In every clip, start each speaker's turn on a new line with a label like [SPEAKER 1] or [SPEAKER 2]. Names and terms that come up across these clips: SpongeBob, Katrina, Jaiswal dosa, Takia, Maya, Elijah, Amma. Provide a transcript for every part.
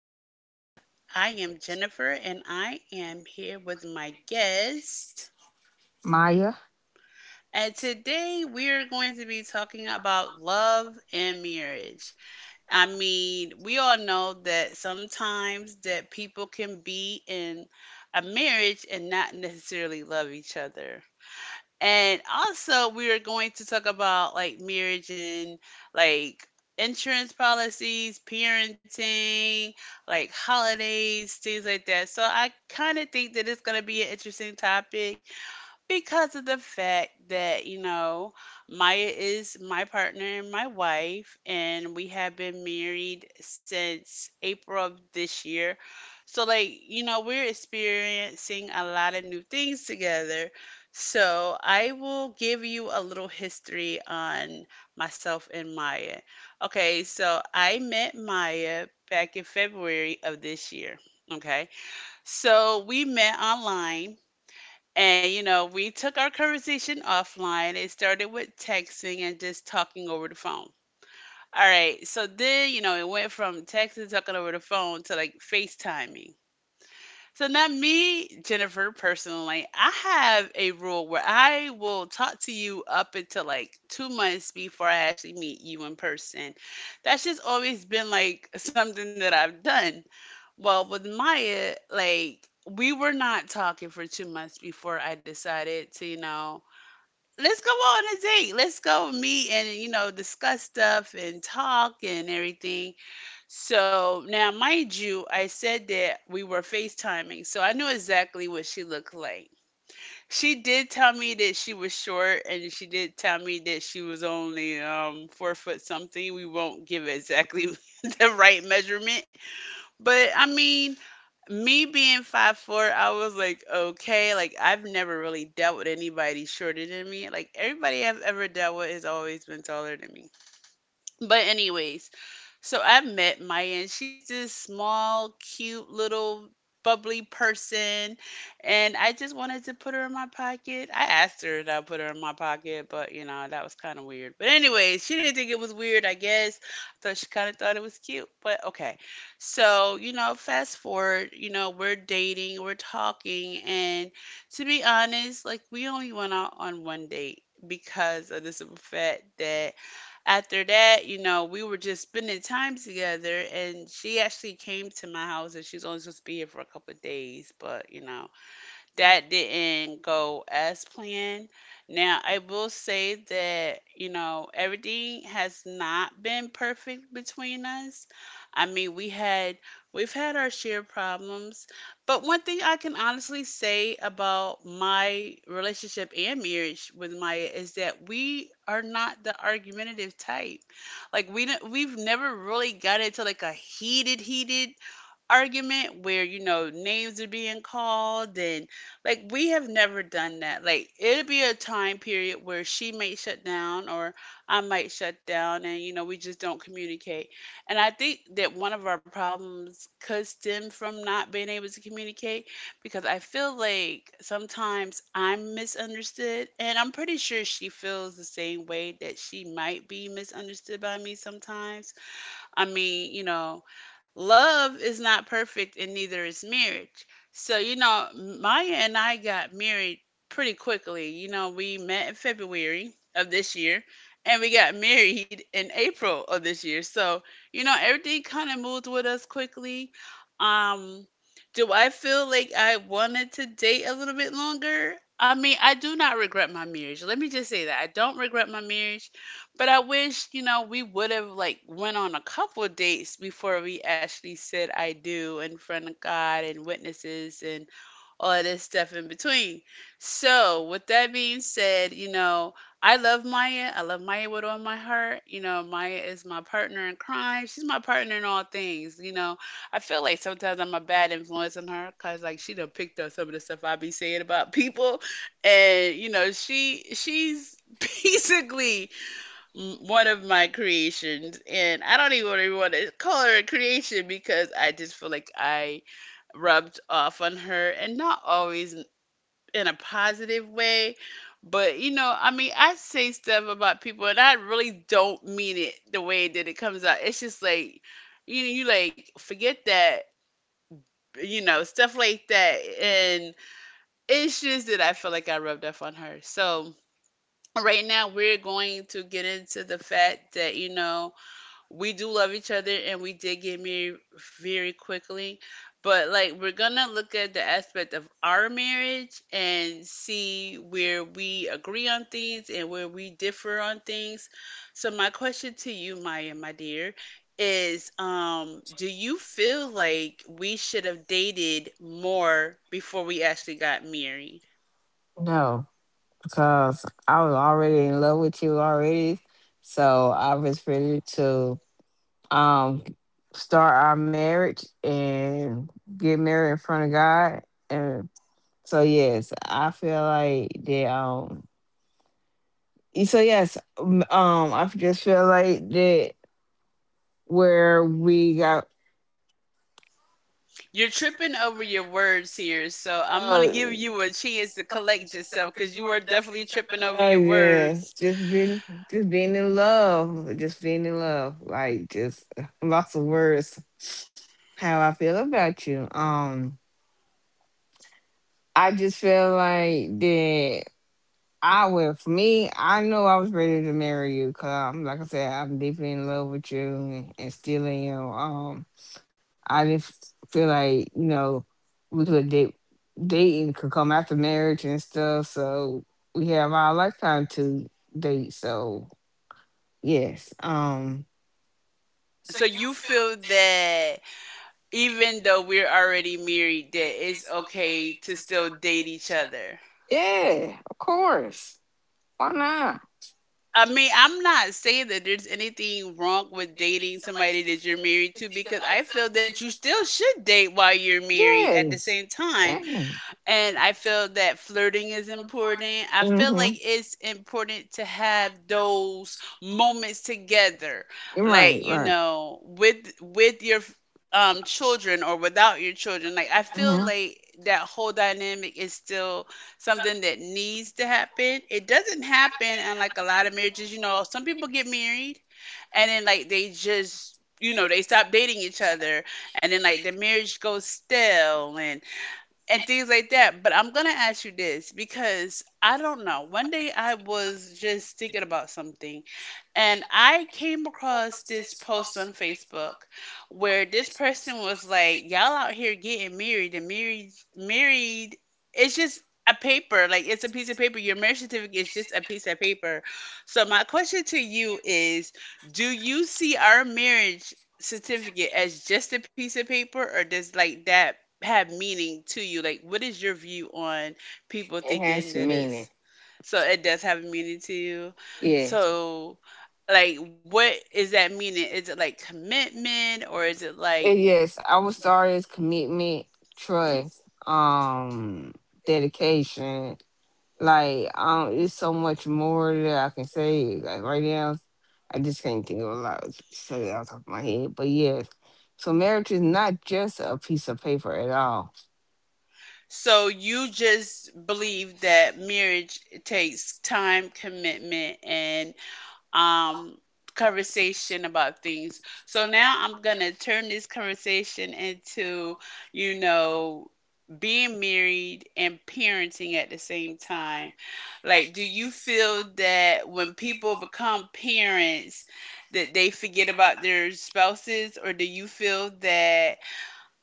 [SPEAKER 1] hello. I am Jennifer and I am here with my guest. And today we are going to be talking about love and marriage. I mean, we all know that sometimes that people can be in a marriage and not necessarily love each other. And also, we are going to talk about like marriage and like insurance policies, parenting, like holidays, things like that. So I kind of think that it's going to be an interesting topic because of the fact that you know Maya is my partner and my wife, and we have been married since April of this year. So like you know we're experiencing a lot of new things together. So I will give you a little history on myself and Maya. Okay, so I met Maya back in February of this year. Okay. So we met online and you know, we took our conversation offline. It started with texting and just talking over the phone. All right, so then you know, it went from texting, talking over the phone to like FaceTiming. So now me, Jennifer, personally, I have a rule where I will talk to you up until like 2 months before I actually meet you in person. That's just always been like something that I've done. Well, with Maya, like we were not talking for 2 months before I decided to, you know, let's go on a date. Let's go meet and, you know, discuss stuff and talk and everything so now, mind you, I said that we were FaceTiming, so I knew exactly what she looked like. She did tell me that she was short, and she did tell me that she was only 4 foot something. We won't give exactly the right measurement, but I mean, me being 5'4", I was like, okay, like I've never really dealt with anybody shorter than me. Like everybody I've ever dealt with has always been taller than me. But anyways, so I met Maya and she's this small, cute little bubbly person and I just wanted to put her in my pocket. I asked her that I put her in my pocket, but you know, that was kind of weird. But anyways, she didn't think it was weird, I guess. I thought she kind of thought it was cute, but okay. So, you know, fast forward, you know, we're dating, we're talking, and to be honest, like we only went out on one date because of the simple fact that after that, you know, we were just spending time together, and she actually came to my house, and she was only supposed to be here for a couple of days, but, you know, that didn't go as planned. Now, I will say that, you know, everything has not been perfect between us. I mean, we've had our share of problems, but one thing I can honestly say about my relationship and marriage with Maya is that we are not the argumentative type. Like we've never really got into like a heated argument where you know names are being called and like we have never done that like it'll be a time period where she may shut down or I might shut down and you know we just don't communicate and I think that one of our problems could stem from not being able to communicate because I feel like sometimes I'm misunderstood and I'm pretty sure she feels the same way that she might be misunderstood by me sometimes. I mean, you know, love is not perfect and neither is marriage. So, you know, Maya and I got married pretty quickly. You know, we met in February of this year and we got married in April of this year. So, you know, everything kind of moved with us quickly. Um, do I feel like I wanted to date a little bit longer? I mean, I do not regret my marriage. Let me just say that. I don't regret my marriage. But I wish, you know, we would have like went on a couple of dates before we actually said I do in front of God and witnesses and all of this stuff in between. So, with that being said, you know, I love Maya. I love Maya with all my heart. You know, Maya is my partner in crime. She's my partner in all things. You know, I feel like sometimes I'm a bad influence on her because like she done picked up some of the stuff I be saying about people, and you know, she's basically one of my creations, and I don't even want to call her a creation because I just feel like I rubbed off on her, and not always in a positive way. But you know, I mean, I say stuff about people, and I really don't mean it the way that it comes out. It's just like, you know, you like forget that, you know, stuff like that, and it's just that I feel like I rubbed off on her. So right now, we're going to get into the fact that you know we do love each other and we did get married very quickly. But like we're gonna look at the aspect of our marriage and see where we agree on things and where we differ on things. So my question to you, Maya, my dear, is do you feel like we should have dated more before we actually got married?
[SPEAKER 2] No, because I was already in love with you already. So I was ready to um start our marriage and get married in front of God. And so yes, I feel like that. I just feel like that where we got Yeah,
[SPEAKER 1] You're
[SPEAKER 2] she been
[SPEAKER 1] tripping over
[SPEAKER 2] over your
[SPEAKER 1] your
[SPEAKER 2] words
[SPEAKER 1] words
[SPEAKER 2] here,
[SPEAKER 1] here,
[SPEAKER 2] so
[SPEAKER 1] so I'm gonna give you a
[SPEAKER 2] oh.
[SPEAKER 1] chance to collect yourself
[SPEAKER 2] Because
[SPEAKER 1] because
[SPEAKER 2] you
[SPEAKER 1] you
[SPEAKER 2] were
[SPEAKER 1] are
[SPEAKER 2] definitely
[SPEAKER 1] definitely
[SPEAKER 2] tripping
[SPEAKER 1] tripping
[SPEAKER 2] up.
[SPEAKER 1] over
[SPEAKER 2] Oh
[SPEAKER 1] your
[SPEAKER 2] yeah,
[SPEAKER 1] words.
[SPEAKER 2] just being in love, like just lots of words. How I feel about you. I just feel like that. For me, I know I was ready to marry you because, like I said, I'm deeply in love with you and still am. I just feel like we could date dating could come after marriage and stuff. So we have our lifetime to date. So yes,
[SPEAKER 1] So you feel that even though we're already married, that it's okay to still date each other.
[SPEAKER 2] yeah, of course. Why not?
[SPEAKER 1] I mean, I'm not saying that there's anything wrong with dating somebody that you're married to because I feel that you still should date while you're married at the
[SPEAKER 2] Yes.
[SPEAKER 1] same time.
[SPEAKER 2] Yeah.
[SPEAKER 1] And I feel that flirting is important. I feel like
[SPEAKER 2] Mm-hmm.
[SPEAKER 1] it's important to have those moments together,
[SPEAKER 2] You're right.
[SPEAKER 1] like you
[SPEAKER 2] Right.
[SPEAKER 1] know, with your children or without your children. Like I feel
[SPEAKER 2] hmm
[SPEAKER 1] like that whole dynamic is still something that needs to happen. It doesn't happen in like a lot of marriages. You know, some people get married and then like they just you know they stop dating each other and then like the marriage goes stale and things like that. But I'm gonna ask you this because I don't know. One day I was just thinking about something, and I came across this post on Facebook where this person was like, "Y'all out here getting married and married, married. It's just." A paper, like it's a piece of paper. Your marriage certificate is just a piece of paper. So, my question to you is do you see our marriage certificate as just a piece of paper, or does like that have meaning to you? Like, what is your view on people
[SPEAKER 2] It has
[SPEAKER 1] thinking that
[SPEAKER 2] meaning.
[SPEAKER 1] it's so it does have a meaning to you?
[SPEAKER 2] Yes.
[SPEAKER 1] So, like, what is that meaning? Is it like commitment or is it like?
[SPEAKER 2] And yes, I would start as commitment, trust, dedication. Like, it's so much more that I can say. Like right now, I just can't think of a lot. So off the top of my head, but yes. So marriage is not just a piece of paper at all.
[SPEAKER 1] So you just believe that marriage takes time, commitment, and um, conversation about things. So now I'm going to turn this conversation into, you know, being married and parenting at the same time. Like, do you feel that when people become parents, that they forget about their spouses, or do you feel that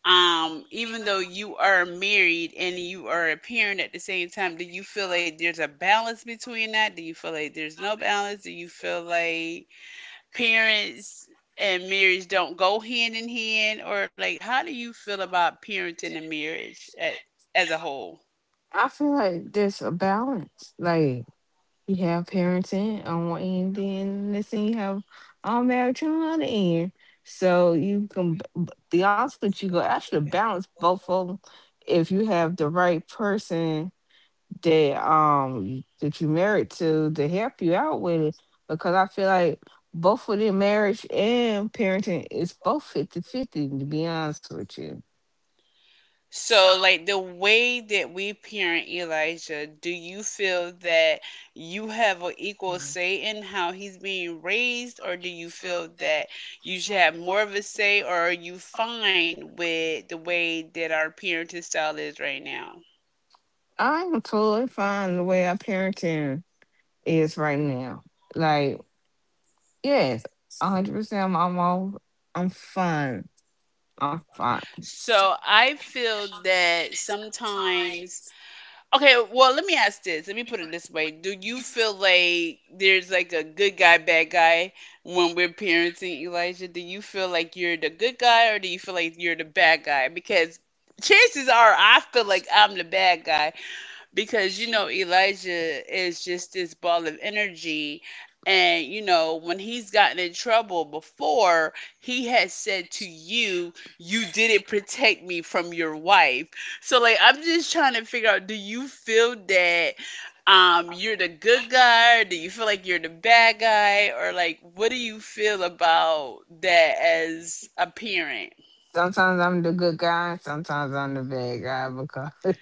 [SPEAKER 1] even though you are married and you are a parent at the same time do you feel like there's a balance between that do you feel like there's no balance do you feel like parents and marriage don't go hand in hand or like how do you feel about parenting and marriage as a whole?
[SPEAKER 2] I feel like there's a balance. Like you have parenting on one end, then next thing you have all marriage on the other end. So you can be honest with you, go actually balance both of them if you have the right person that you married to help you out with it because I feel like both of them marriage and parenting is both 50/50 to be honest with you.
[SPEAKER 1] So, like the way that we parent Elijah, do you feel that you have an equal
[SPEAKER 2] Mhm.
[SPEAKER 1] say in how he's being raised, or do you feel that you should have more of a say, or are you fine with the way that our parenting style is right now?
[SPEAKER 2] I'm totally fine the way our parenting is right now. Like, yes, 100% I'm all I'm fine. I'm fine.
[SPEAKER 1] So, I feel that sometimes okay, well, let me ask this. Let me put it this way. Do you feel like there's like a good guy, bad guy when we're parenting Elijah? Do you feel like you're the good guy or do you feel like you're the bad guy? Because chances are I feel like I'm the bad guy because you know Elijah is just this ball of energy and you know when he's gotten in trouble before he has said to you you didn't protect me from your wife so like I'm just trying to figure out do you feel that you're the good guy or do you feel like you're the bad guy or like what do you feel about that as a parent?
[SPEAKER 2] Sometimes I'm the good guy, sometimes I'm the bad guy because.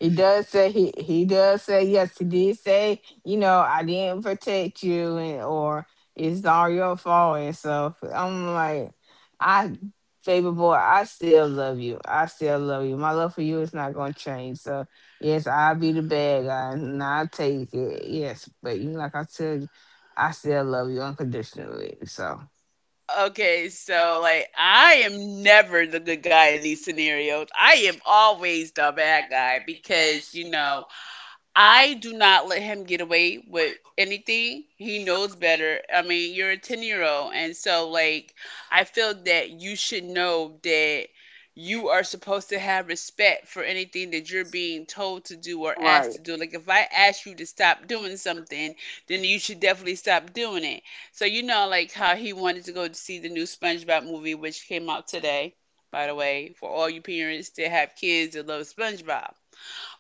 [SPEAKER 2] He does say yes. He did say you know I didn't protect you and or it's all your fault, and so I'm like I baby boy I still love you. I still love you. My love for you is not gonna change. So yes, I'll be the bad guy and I take it. Yes, but you like I said, I still love you unconditionally. So.
[SPEAKER 1] Okay, so like I am never the good guy in these scenarios. I am always the bad guy because you know. I do not let him get away with anything. He knows better. I mean, you're a 10-year-old year old. And so, like, I feel that you should know that you are supposed to have respect for anything that you're being told to do or asked to do. Like, if I ask you to stop doing something, then you should definitely stop doing it. So, you know, like, how he wanted to go to see the new SpongeBob movie, which came out today, by the way, for all you parents that have kids that love SpongeBob.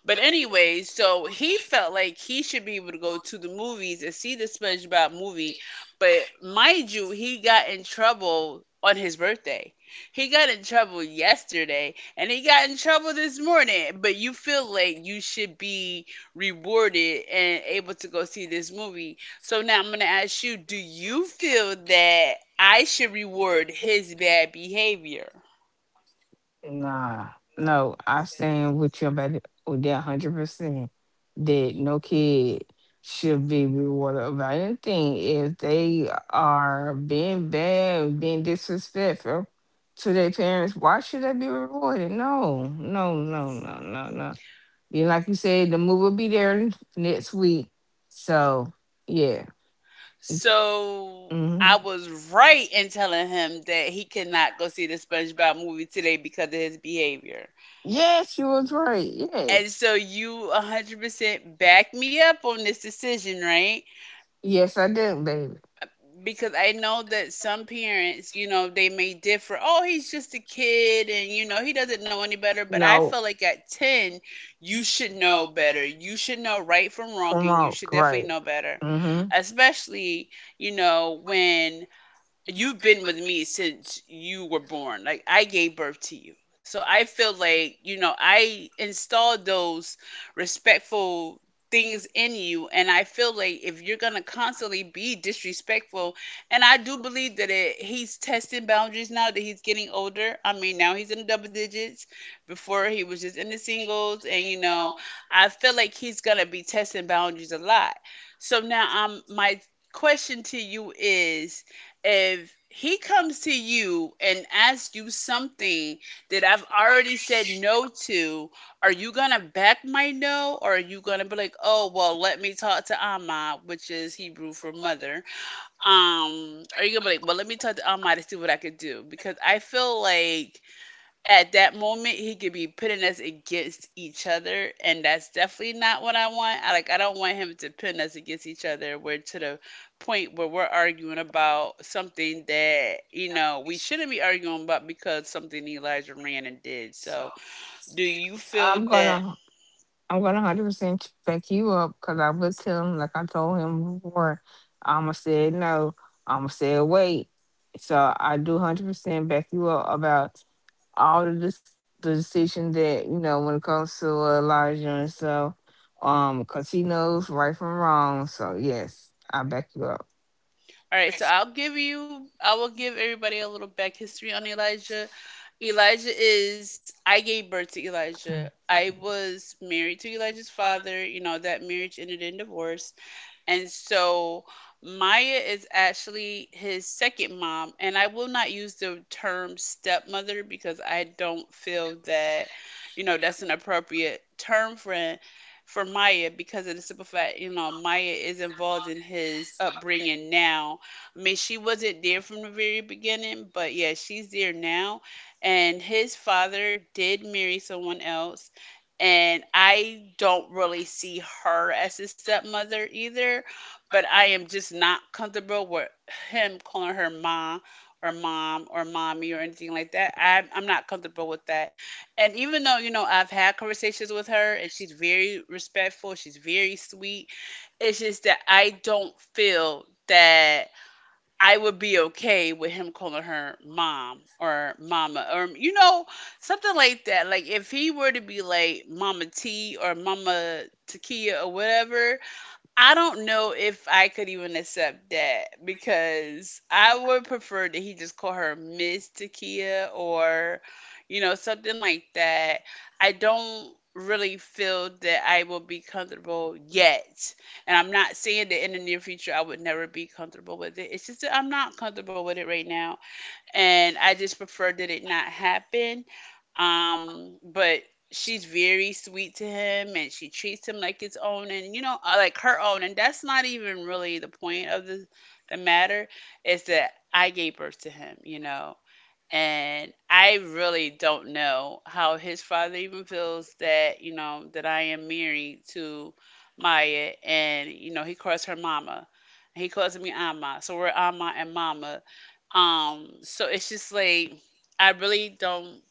[SPEAKER 1] But anyway, so he felt like he should be able to go to the movies and see the SpongeBob movie. But mind you, he got in trouble on his birthday. He got in trouble yesterday and he got in trouble this morning. But you feel like you should be rewarded and able to go see this movie. So now I'm going to ask you, do you feel that I should reward his bad behavior?
[SPEAKER 2] Nah, no, I stand with you about it with that 100%. That no kid should be rewarded about anything if they are being bad, being disrespectful to their parents. Why should they be rewarded? No, no, no, no, no, no. You like you said, the move will be there next week. So yeah,
[SPEAKER 1] So I
[SPEAKER 2] hmm
[SPEAKER 1] was right in telling him that he could not go see the SpongeBob movie today because of his behavior.
[SPEAKER 2] yes, you was right.
[SPEAKER 1] And
[SPEAKER 2] Yes,
[SPEAKER 1] so you 100% back me up on this decision, right?
[SPEAKER 2] yes, I did, baby.
[SPEAKER 1] Because I know that some parents, you know, they may differ. Oh, he's just a kid and, you know, he doesn't know any better. But I
[SPEAKER 2] No,
[SPEAKER 1] feel like at 10, you should know better. You should know right from
[SPEAKER 2] come
[SPEAKER 1] wrong and you
[SPEAKER 2] out,
[SPEAKER 1] should
[SPEAKER 2] right.
[SPEAKER 1] definitely know better.
[SPEAKER 2] Mm-hmm.
[SPEAKER 1] Especially, you know, when you've been with me since you were born. Like I gave birth to you. So I feel like, you know, I installed those respectful things in you and I feel like if you're going to constantly be disrespectful, and I do believe that he's testing boundaries now that he's getting older. I mean, now he's in the double digits. Before he was just in the singles, and you know, I feel like he's going to be testing boundaries a lot. So now my question to you is, if he comes to you and asks you something that I've already said no to, are you gonna back my no, or are you gonna be like, oh well, let me talk to Amma, which is Hebrew for mother? Are you gonna be like, well, let me talk to Amma to see what I could do? Because I feel like at that moment he could be pitting us against each other and that's definitely not what I want. I don't want him to pin us against each other, where to the point where we're arguing about something that, you know, we shouldn't be arguing about because something Elijah ran and did. So do you feel
[SPEAKER 2] I'm
[SPEAKER 1] that?
[SPEAKER 2] gonna, I'm gonna 100% back you up because I was telling, like I told him before, I'ma said no, I'ma say wait. So I do 100% back you up about all of this, the decisions that you know when it comes to Elijah and so, because he knows right from wrong. So yes, I back you up.
[SPEAKER 1] All right, so I will give everybody a little back history on Elijah. I gave birth to Elijah. I was married to Elijah's father. You know, that marriage ended in divorce. And so Maya is actually his second mom. And I will not use the term stepmother because I don't feel that, you know, that's an appropriate term for Maya, because of the simple fact, you know, Maya is involved in his upbringing now. I mean, she wasn't there from the very beginning, but yeah, she's there now. And his father did marry someone else, and I don't really see her as his stepmother either, but I am just not comfortable with him calling her ma or mom or mommy or anything like that. I'm not comfortable with that. And even though, you know, I've had conversations with her and she's very respectful, she's very sweet, it's just that I don't feel that I would be okay with him calling her mom or mama or you know something like that. Like if he were to be like Mama T or Mama Takia or whatever, I don't know if I could even accept that because I would prefer that he just call her Miss Takia or, you know, something like that. I don't really feel that I will be comfortable yet. And I'm not saying that in the near future I would never be comfortable with it. It's just that I'm not comfortable with it right now. And I just prefer that it not happen. But she's very sweet to him and she treats him like his own and you know, like her own. And that's not even really the point of the matter, is that I gave birth to him, you know. And I really don't know how his father even feels that, you know, that I am married to Maya and, you know, he calls her mama. He calls me Amma. So we're Amma and Mama. So it's just like I really don't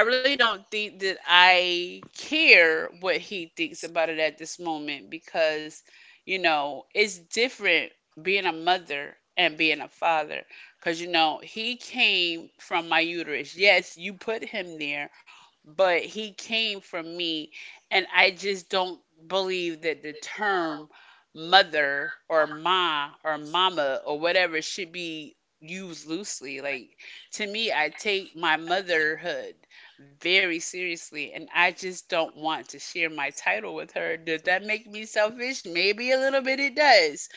[SPEAKER 1] I really don't think that I care what he thinks about it at this moment because, you know, it's different being a mother and being a father. Because, you know, he came from my uterus. Yes, you put him there, but he came from me, and I just don't believe that the term mother or ma or mama or whatever should be used loosely. Like, to me, I take my motherhood very seriously, and I just don't want to share my title with her. Does that make me selfish? Maybe a little bit it does.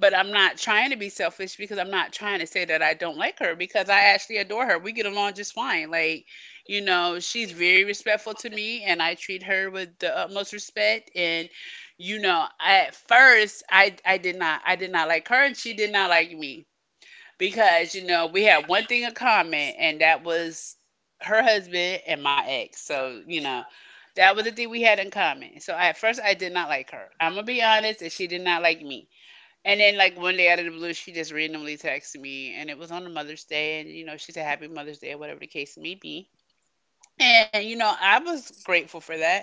[SPEAKER 1] But I'm not trying to be selfish because I'm not trying to say that I don't like her, because I actually adore her. We get along just fine. Like, you know, she's very respectful to me and I treat her with the utmost respect. And, you know, at first I did not like her and she did not like me because, you know, we had one thing in common and that was her husband and my ex. So, you know, that was the thing we had in common. So at first I did not like her. I'm gonna be honest, and she did not like me. And then, like one day out of the blue, she just randomly texted me, and it was on a Mother's Day, and you know, she said Happy Mother's Day or whatever the case may be. And you know, I was grateful for that.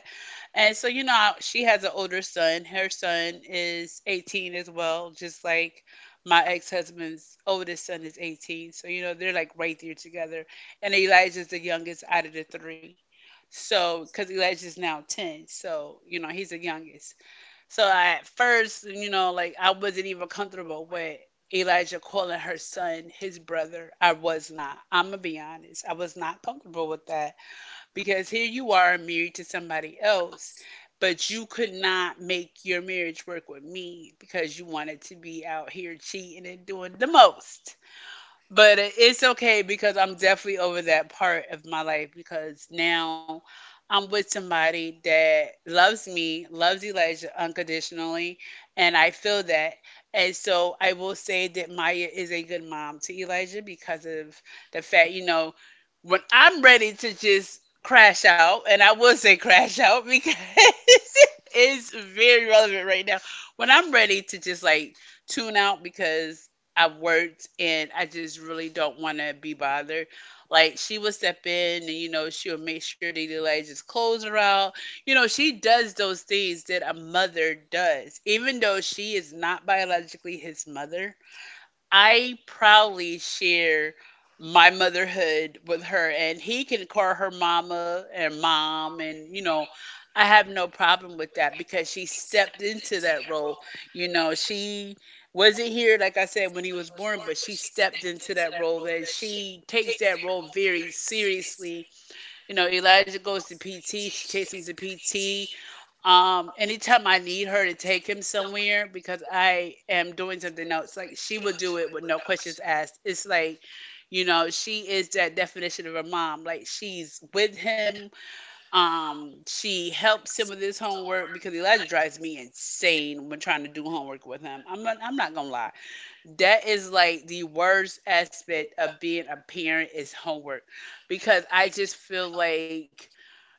[SPEAKER 1] And so, you know, she has an older son. Her son is 18 as well, just like my ex-husband's oldest son is 18. So, you know, they're like right there together. And Elijah's the youngest out of the three. So, because Elijah's now 10, so you know, he's the youngest. So at first, you know, like I wasn't even comfortable with Elijah calling her son his brother. I was not. I'm gonna be honest. I was not comfortable with that because here you are married to somebody else, but you could not make your marriage work with me because you wanted to be out here cheating and doing the most. But it's okay because I'm definitely over that part of my life, because now I'm with somebody that loves me, loves Elijah unconditionally, and I feel that. And so I will say that Maya is a good mom to Elijah because of the fact, you know, when I'm ready to just crash out, and I will say crash out because it's very relevant right now. When I'm ready to just like tune out because I've worked and I just really don't want to be bothered. Like she will step in and you know she'll make sure that Elijah's clothes are out. You know she does those things that a mother does, even though she is not biologically his mother. I proudly share my motherhood with her, and he can call her mama and mom, and you know, I have no problem with that because she stepped into that role. You know, she wasn't here, like I said, when he was born, but she stepped into that role, and she takes that role very seriously. You know, Elijah goes to PT, she takes him to PT, anytime I need her to take him somewhere because I am doing something else, like she would do it with no questions asked. It's like, you know, she is that definition of a mom. Like she's with him. She helps him with his homework because Elijah drives me insane when trying to do homework with him. I'm not gonna lie. That is like the worst aspect of being a parent is homework because I just feel like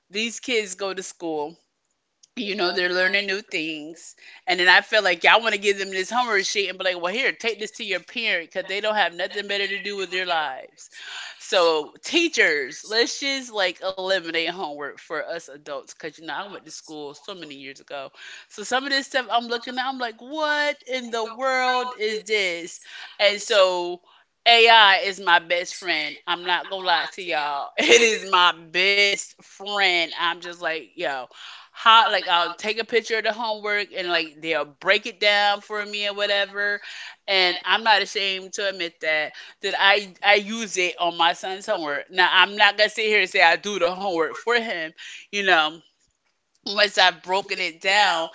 [SPEAKER 1] these kids go to school, you know, they're learning new things. And then I feel like y'all want to give them this homework sheet and be like, well, here, take this to your parent because they don't have nothing better to do with their lives. So teachers, let's just like eliminate homework for us adults, because you know, I went to school so many years ago, so some of this stuff I'm looking at, I'm like, what in the world is this? And so AI is my best friend. I'm not gonna lie to y'all. It is my best friend. I'm just like, yo, how, like I'll take a picture of the homework and like they'll break it down for me or whatever. And I'm not ashamed to admit that, that I use it on my son's homework. Now, I'm not gonna sit here and say I do the homework for him. You know, once I've broken it down,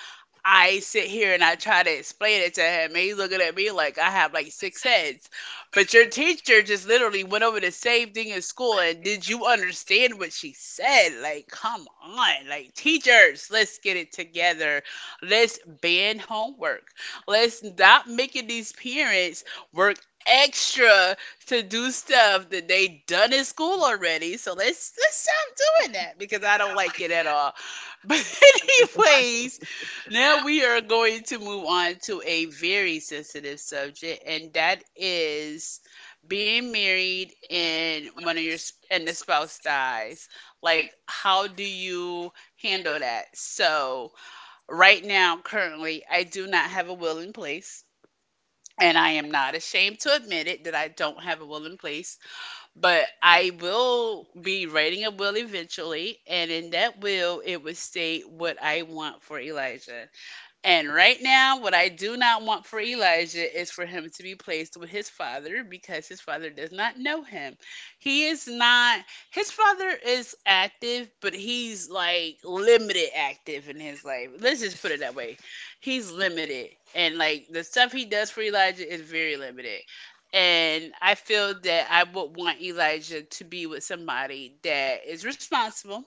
[SPEAKER 1] I sit here and I try to explain it to him, and he's looking at me like I have like six heads. But your teacher just literally went over the same thing in school, and did you understand what she said? Like, come on, like teachers, let's get it together. Let's ban homework. Let's stop making these parents work extra to do stuff that they done in school already. So let's stop doing that because I don't like it at all. But anyways, now we are going to move on to a very sensitive subject, and that is being married and one of your sp- and the spouse dies. Like, how do you handle that? So, right now, currently, I do not have a will in place. And I am not ashamed to admit it that I don't have a will in place. But I will be writing a will eventually, and in that will, it would state what I want for Elijah. And right now, what I do not want for Elijah is for him to be placed with his father because his father does not know him. He is not, his father is active, but he's like limited active in his life. Let's just put it that way. He's limited. And like the stuff he does for Elijah is very limited. And I feel that I would want Elijah to be with somebody that is responsible,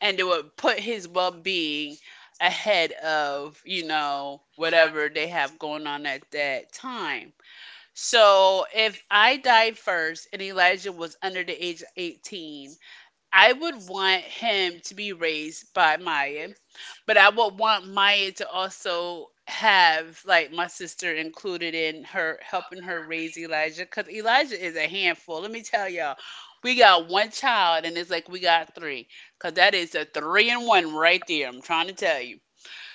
[SPEAKER 1] and it would put his well being ahead of, you know, whatever they have going on at that time. So if I died first and Elijah was under the age of 18, I would want him to be raised by Maya, but I would want Maya to also have like my sister included in her helping her raise Elijah because Elijah is a handful. Let me tell y'all, we got one child and it's like we got three, because that is a three and one right there. I'm trying to tell you.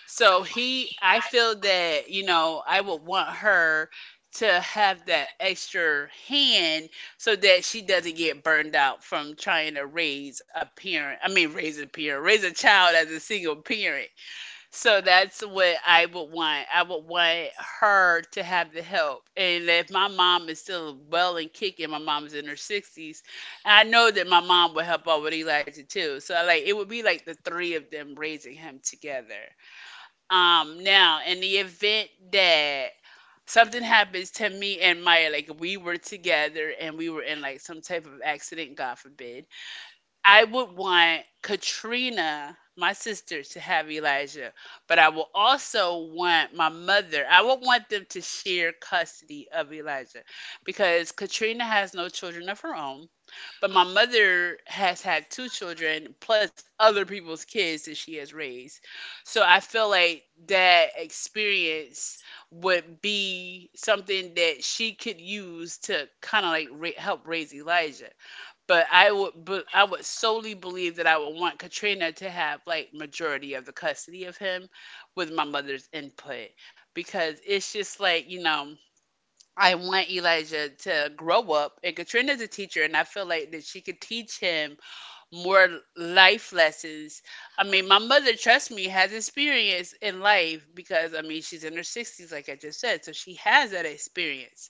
[SPEAKER 1] So he, I feel that, you know, I would want her to have that extra hand so that she doesn't get burned out from trying to raise a parent. Raise a child as a single parent. So that's what I would want. I would want her to have the help. And if my mom is still well and kicking, my mom's in her 60s, I know that my mom would help out with Elijah too. So like it would be like the three of them raising him together. Now, in the event that something happens to me and Maya, like we were together and we were in like some type of accident, God forbid, I would want Katrina, my sister, to have Elijah, but I will also want my mother. I would want them to share custody of Elijah because Katrina has no children of her own, but my mother has had two children plus other people's kids that she has raised. So I feel like that experience would be something that she could use to kind of like help raise Elijah. But I would solely believe that I would want Katrina to have like majority of the custody of him, with my mother's input, because it's just like, you know, I want Elijah to grow up, and Katrina's a teacher, and I feel like that she could teach him more life lessons. I mean, my mother, trust me, has experience in life because I mean she's in her sixties, like I just said, so she has that experience.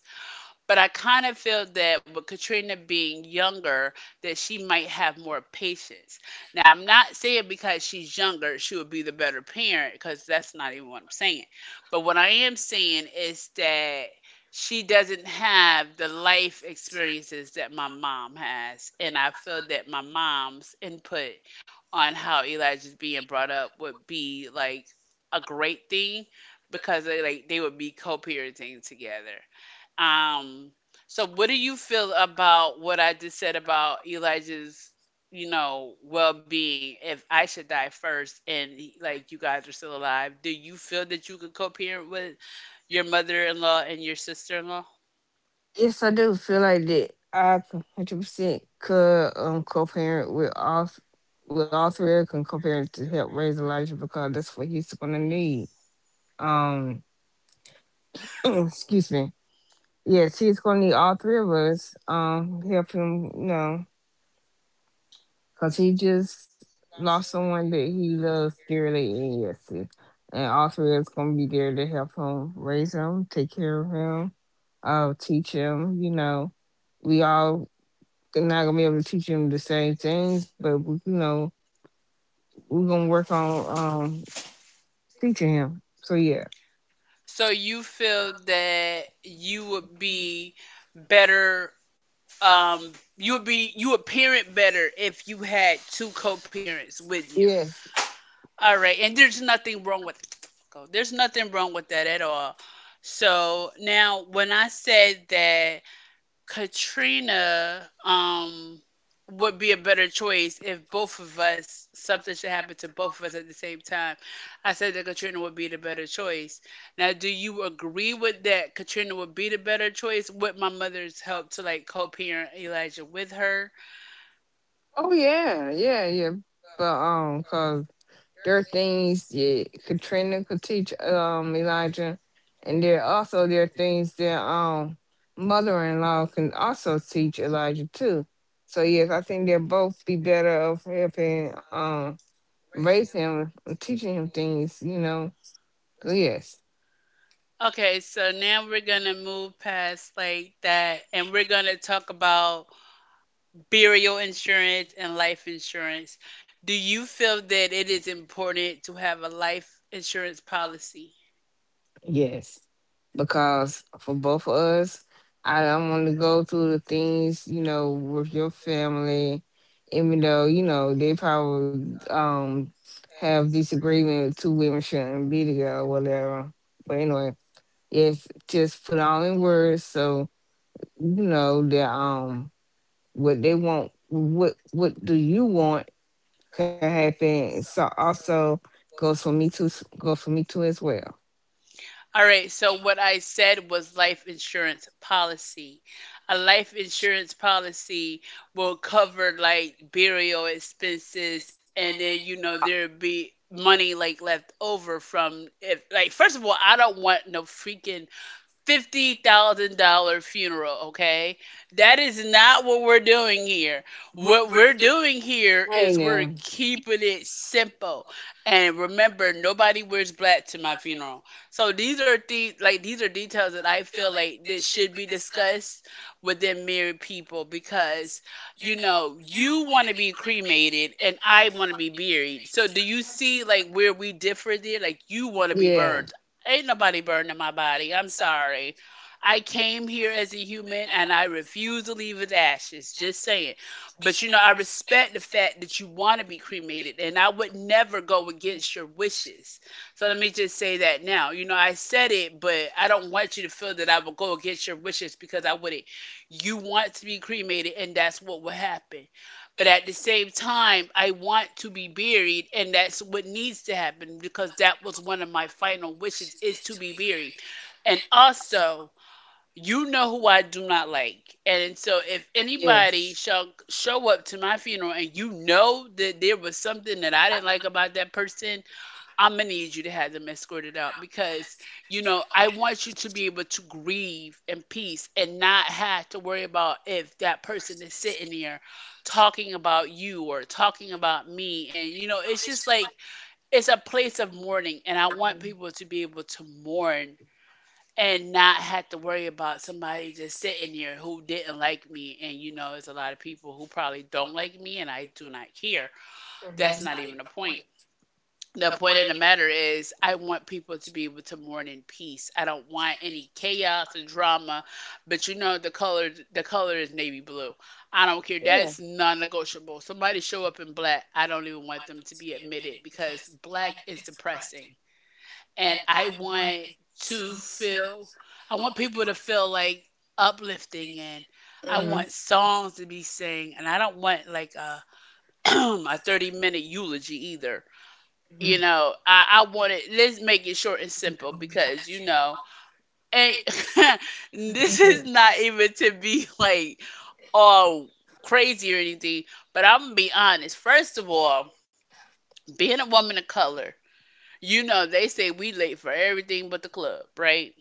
[SPEAKER 1] But I kind of feel that with Katrina being younger, that she might have more patience. Now, I'm not saying because she's younger, she would be the better parent, because that's not even what I'm saying. But what I am saying is that she doesn't have the life experiences that my mom has. And I feel that my mom's input on how Elijah's being brought up would be like a great thing because they would be co-parenting together. Um, so what do you feel about what I just said about Elijah's, you know, well-being if I should die first and like you guys are still alive? Do you feel that you could co-parent with your mother-in-law and your sister-in-law?
[SPEAKER 2] Yes, I do feel like that. I 100% could co-parent with with all three of them co-parent to help raise Elijah because that's what he's gonna need. Um, excuse me. Yes, he's gonna need all three of us. Help him, you know, cause he just lost someone that he loves dearly, and yes, and all three of us gonna be there to help him, raise him, take care of him, teach him, you know we all. They're not gonna be able to teach him the same things, but we- you know, we're gonna work on teaching him. So yeah,
[SPEAKER 1] So you feel that you would be better, um you would be, you would parent better if you had two co-parents with you.
[SPEAKER 2] yes,
[SPEAKER 1] All right, and there's nothing wrong with there's nothing wrong with that at all. So now, when I said that Katrina would be a better choice if both of us, something should happen to both of us at the same time, I said that Katrina would be the better choice. Now, do you agree with that? Katrina would be the better choice with my mother's help to like co-parent Elijah with her.
[SPEAKER 2] oh yeah, yeah, yeah. But cause there are things yeah, Katrina could teach Elijah, and there also there are things that mother-in-law can also teach Elijah too. So yes, I think they'll both be better of helping raise him and teaching him things. You know, so yes.
[SPEAKER 1] Okay, so now we're gonna move past like that and we're gonna talk about burial insurance and life insurance. Do you feel that it is important to have a life insurance policy?
[SPEAKER 2] Yes, because for both of us, I don't want to go through the things you know with your family, even though you know they probably have disagreement. With two women shouldn't be together, or whatever. But anyway, yes, just put all in words so you know that what they want, what do you want can happen. So also goes for me too. Goes for me too as well.
[SPEAKER 1] All right, so what I said was life insurance policy. A life insurance policy will cover like burial expenses, and then you know there'll be money like left over from, if like first of all, I don't want no freaking $50,000 funeral, okay? That is not what we're doing here. What we're doing here
[SPEAKER 2] Hey
[SPEAKER 1] is we're
[SPEAKER 2] now.
[SPEAKER 1] keeping it simple. And remember, nobody wears black to my funeral. So these are the, like these are details that I feel like that should be discussed within married people because, you know, you want to be cremated and I want to be buried. So do you see like where we differ there? Like you want to be burned. Ain't nobody burning my body. I'm sorry. I came here as a human and I refuse to leave as ashes. Just saying. But you know, I respect the fact that you want to be cremated and I would never go against your wishes. So let me just say that now. You know, I said it, but I don't want you to feel that I would go against your wishes because I wouldn't. You want to be cremated and that's what will happen. But at the same time, I want to be buried, and that's what needs to happen because that was one of my final wishes, is to be buried. And also, you know who I do not like. And so if anybody
[SPEAKER 2] Yes.
[SPEAKER 1] shall show up to my funeral and you know that there was something that I didn't like about that person, I'm gonna need you to have them escorted out because you know I want you to be able to grieve in peace and not have to worry about if that person is sitting there talking about you or talking about me. And you know it's just like, it's a place of mourning, and I want people to be able to mourn and not have to worry about somebody just sitting here who didn't like me. And you know there's a lot of people who probably don't like me, and I do not care. That's not even the point. The point of the matter is, I want people to be able to mourn in peace. I don't want any chaos or drama. But you know, the color is navy blue. I don't care. That's non-negotiable. Somebody show up in black, I don't even want them to be admitted because black is depressing, and I want to feel. I want people to feel like uplifting, and I
[SPEAKER 2] Mm.
[SPEAKER 1] want songs to be sang, and I don't want like a a 30-minute eulogy either.
[SPEAKER 2] We're
[SPEAKER 1] You know, I wanted, let's make it short and simple because you know, and this is not even to be like all crazy or anything, but I'm gonna be honest. First of all, being a woman of color, you know, they say we late for everything but the club, right?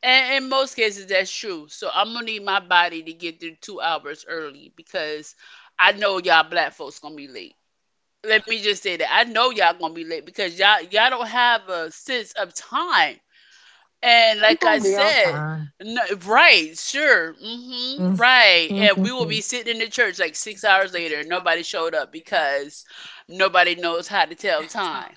[SPEAKER 1] And in most cases, that's true. So I'm gonna need my body to get there 2 hours early because I know y'all black folks gonna be late. Let me just say that I know y'all gonna be late because y'all don't have a sense of time. And
[SPEAKER 2] going
[SPEAKER 1] like
[SPEAKER 2] to
[SPEAKER 1] I
[SPEAKER 2] be on
[SPEAKER 1] said,
[SPEAKER 2] time.
[SPEAKER 1] no, right, sure, hmm, right.
[SPEAKER 2] Mhm.
[SPEAKER 1] And we will
[SPEAKER 2] Mhm.
[SPEAKER 1] be sitting in the church like 6 hours later, and nobody showed up because nobody knows how to tell time.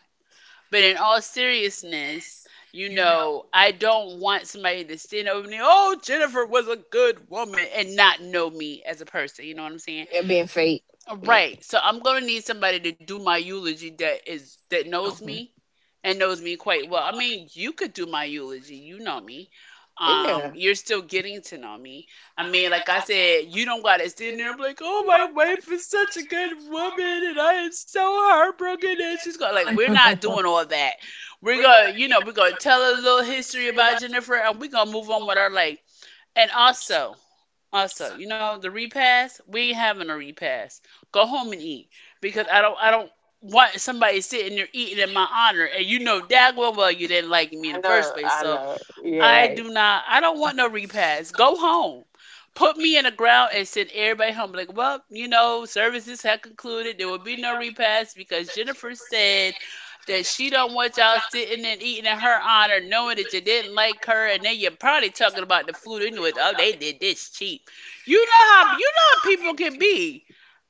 [SPEAKER 1] But in all seriousness, I don't want somebody to stand over me, oh, Jennifer was a good woman, and not know me as a person. You know what I'm saying?
[SPEAKER 2] Are being fake. Yeah.
[SPEAKER 1] Right. So I'm gonna need somebody to do my eulogy that knows
[SPEAKER 2] hmm
[SPEAKER 1] me and knows me quite well. I mean, you could do my eulogy. You know me.
[SPEAKER 2] Yeah.
[SPEAKER 1] You're still getting to know me. I mean, like I said, you don't gotta sit there and be like, oh, my wife is such a good woman and I am so heartbroken and she's got like, we're not doing all that. We're gonna, we're gonna tell a little history about Jennifer and we're gonna move on with our life. And also, also, the repast, we ain't having a repast. Go home and eat. Because I don't want somebody sitting there eating in my honor and you know dag well you didn't like me
[SPEAKER 2] I
[SPEAKER 1] in the
[SPEAKER 2] know.
[SPEAKER 1] first place,
[SPEAKER 2] I
[SPEAKER 1] so
[SPEAKER 2] know. You're
[SPEAKER 1] I
[SPEAKER 2] right.
[SPEAKER 1] do not. I don't want no repast. Go home. Put me in the ground and send everybody home. Like, well, you know, services had concluded. There will be no repast because Jennifer said that she don't want y'all sitting and eating in her honor, knowing that you didn't like her, and then you're probably talking about the food into it. Oh, they did this cheap. You know how people can be.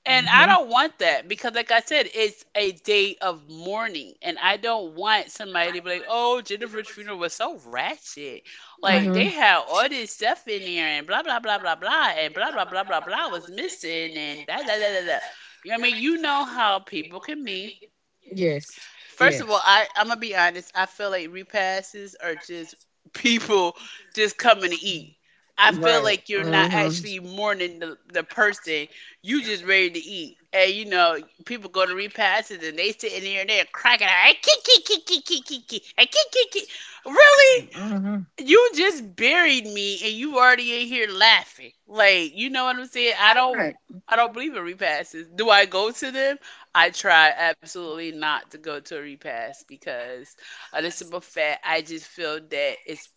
[SPEAKER 1] And I
[SPEAKER 2] hmm
[SPEAKER 1] don't want that because, like I said, it's a day of mourning, and I don't want somebody to be like, "Oh, Jennifer's funeral was so ratchet. Like
[SPEAKER 2] hmm
[SPEAKER 1] they had all this stuff in there, and blah blah blah blah blah, and blah blah blah blah blah was missing, and da da da da da." You know what I mean? You know how people can be.
[SPEAKER 2] Yes.
[SPEAKER 1] First
[SPEAKER 2] Yes.
[SPEAKER 1] of all, I'm gonna be honest. I feel like repasses are just people just coming to eat. I feel
[SPEAKER 2] Right.
[SPEAKER 1] like you're not
[SPEAKER 2] Mm-hmm.
[SPEAKER 1] actually mourning the person. You just ready to eat. And you know, people go to repasses and they sit in there and they're cracking. I kick, kick, kick, kick, kick, kick, kick, kick, kick, kick. Really?
[SPEAKER 2] Mm-hmm.
[SPEAKER 1] You just buried me and you already in here laughing. Like, you know what I'm saying? I don't believe in repasts. Do I go to them? I try absolutely not to go to a repass because a this simple fact, I just feel that it's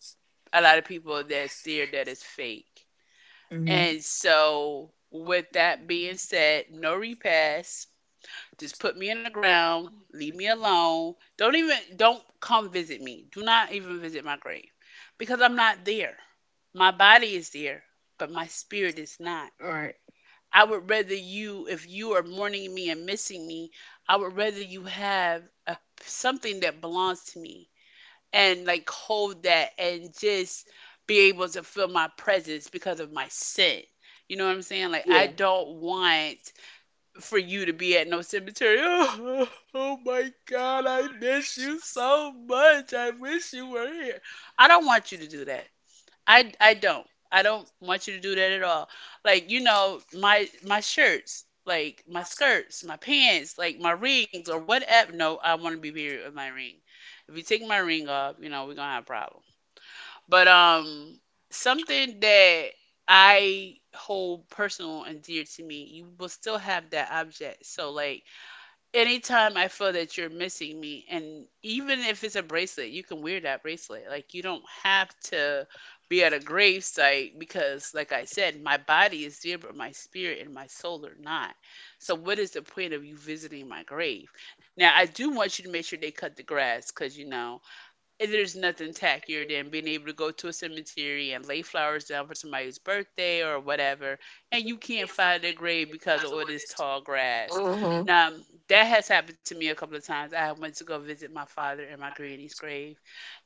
[SPEAKER 1] a lot of people that's there that is fake. And so with that being said, no repass. Just put me in the ground, leave me alone. Don't even don't come visit me. Do not even visit my grave because I'm not there. My body is there, but my spirit is not.
[SPEAKER 2] Right.
[SPEAKER 1] I would rather you, if you are mourning me and missing me, I would rather you have a, something that belongs to me and like hold that and just be able to feel my presence because of my sin. You know what I'm saying? Like, I don't want for you to be at no cemetery. Oh, my God, I miss you so much. I wish you were here. I don't want you to do that. I don't. I don't want you to do that at all. Like, you know, my shirts, like my skirts, my pants, like my rings or whatever. No, I want to be married with my ring. If you take my ring off, you know, we're gonna have a problem. But something that I hold personal and dear to me, you will still have that object. So like anytime I feel that you're missing me, and even if it's a bracelet, you can wear that bracelet. Like, you don't have to be at a gravesite because, like I said, my body is there, but my spirit and my soul are not. So, what is the point of you visiting my grave? Now, I do want you to make sure they cut the grass because, you know, there's nothing tackier than being able to go to a cemetery and lay flowers down for somebody's birthday or whatever, and you can't find their grave because of all this tall grass.
[SPEAKER 2] Mm-hmm.
[SPEAKER 1] Now, that has happened to me a couple of times. I went to go visit my father in my granny's grave,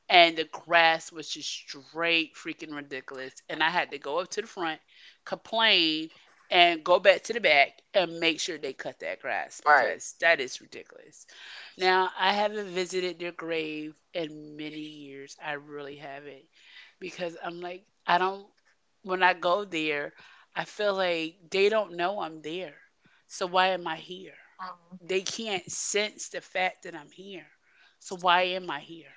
[SPEAKER 1] and the grass was just straight freaking ridiculous. And I had to go up to the front, complain, and go back to the back and make sure they cut that grass because that is ridiculous. Now, I haven't visited their grave in many years. I really haven't because I'm like, I don't, when I go there, I feel like they don't know I'm there. So why am I here? They can't sense the fact that I'm here. So why am I here?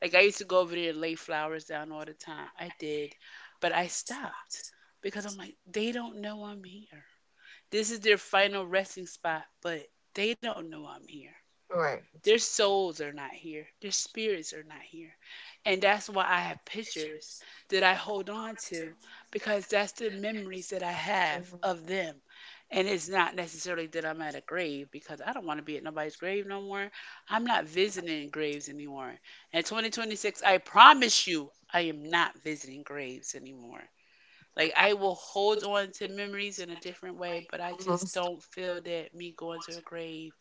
[SPEAKER 1] Like I used to go over there and lay flowers down all the time. I did, but I stopped because I'm like, they don't know I'm here. This is their final resting spot, but they don't know I'm here.
[SPEAKER 2] Right.
[SPEAKER 1] Their souls are not here, their spirits are not here. And that's why I have pictures that I hold on to because that's the memories that I have of them. And it's not necessarily that I'm at a grave because I don't want to be at nobody's grave no more. I'm not visiting graves anymore. In 2026, I promise you, I am not visiting graves anymore. Like, I will hold on to memories in a different way, but I just don't feel that me going to a grave,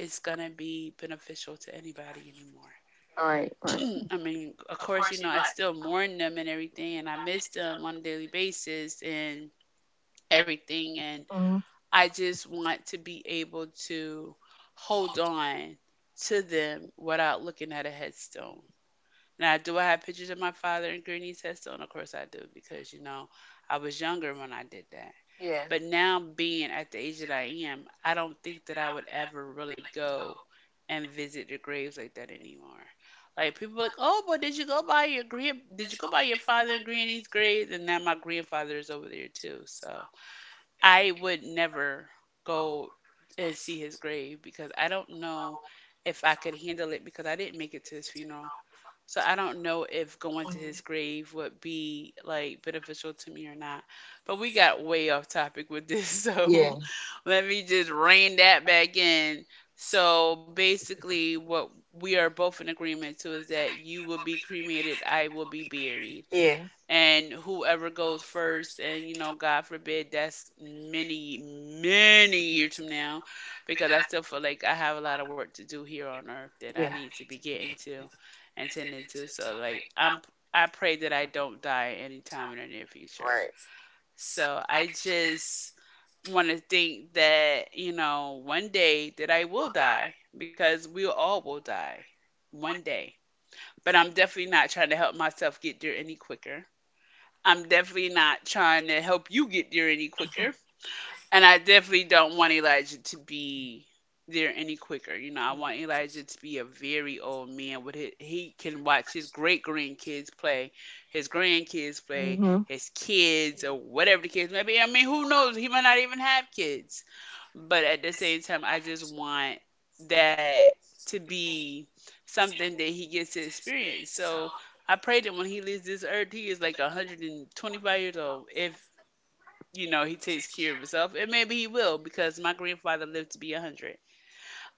[SPEAKER 1] it's gonna be beneficial to anybody anymore.
[SPEAKER 2] All right. Right.
[SPEAKER 1] I mean, of course, you know, I still mourn them and everything, and I miss them on a daily basis and everything. And
[SPEAKER 2] Mm-hmm.
[SPEAKER 1] I just want to be able to hold on to them without looking at a headstone. Now, do I have pictures of my father and Granny's headstone? Of course, I do, because, you know, I was younger when I did that. But now, being at the age that I am, I don't think that I would ever really go and visit the graves like that anymore. Like people are like, oh, but did you go by your grand? Did you go by your father and granny's grave? And now my grandfather is over there too. So I would never go and see his grave because I don't know if I could handle it because I didn't make it to his funeral. So I don't know if going to his grave would be like beneficial to me or not. But we got way off topic with this, so
[SPEAKER 2] Yeah.
[SPEAKER 1] let me just rein that back in. So basically, what we are both in agreement to is that you will be cremated, I will be buried,
[SPEAKER 2] Yeah.
[SPEAKER 1] and whoever goes first, and you know, god forbid, that's many many years from now, because I still feel like I have a lot of work to do here on earth that
[SPEAKER 2] Yeah.
[SPEAKER 1] I need to be getting to and tending to. So like, I'm I pray that I don't die anytime in the near future.
[SPEAKER 2] Right.
[SPEAKER 1] So I just want to think that, you know, one day that I will die because we all will die one day. But I'm definitely not trying to help myself get there any quicker. I'm definitely not trying to help you get there any quicker. And I definitely don't want Elijah to be there any quicker. You know, I want Elijah to be a very old man with his, he can watch his great grandkids play,
[SPEAKER 2] Mm-hmm.
[SPEAKER 1] his kids or whatever the kids may be. I mean, who knows? He might not even have kids. But at the same time, I just want that to be something that he gets to experience. So I pray that when he leaves this earth, he is like 125 years old. If, you know, he takes care of himself. And maybe he will, because my grandfather lived to be 100.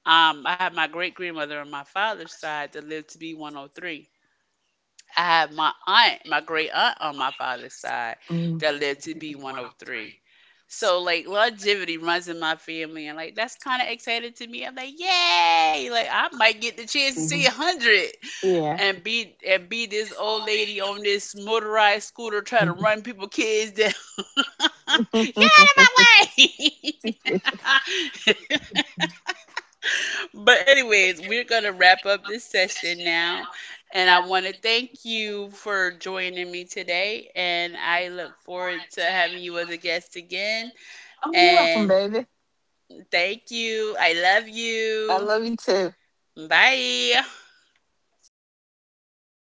[SPEAKER 1] I have my great grandmother on my father's side that lived to be 103. I have my aunt, my great aunt on my father's side
[SPEAKER 2] Mm-hmm.
[SPEAKER 1] that lived to be 103. So like longevity runs in my family, and like that's kind of exciting to me. I'm like, yay! Like I might get the chance to see 100
[SPEAKER 2] Yeah.
[SPEAKER 1] and be this old lady on this motorized scooter trying to
[SPEAKER 2] Mhm.
[SPEAKER 1] run people kids down. Get out of my way.
[SPEAKER 2] It's-
[SPEAKER 1] But anyways, we're gonna wrap up this session now. And I wanna thank you for joining me today. And I look forward to having you as a guest again.
[SPEAKER 2] Oh, you're welcome,
[SPEAKER 1] And
[SPEAKER 2] baby.
[SPEAKER 1] thank you. I love
[SPEAKER 2] I
[SPEAKER 1] you.
[SPEAKER 2] love you too.
[SPEAKER 1] Bye.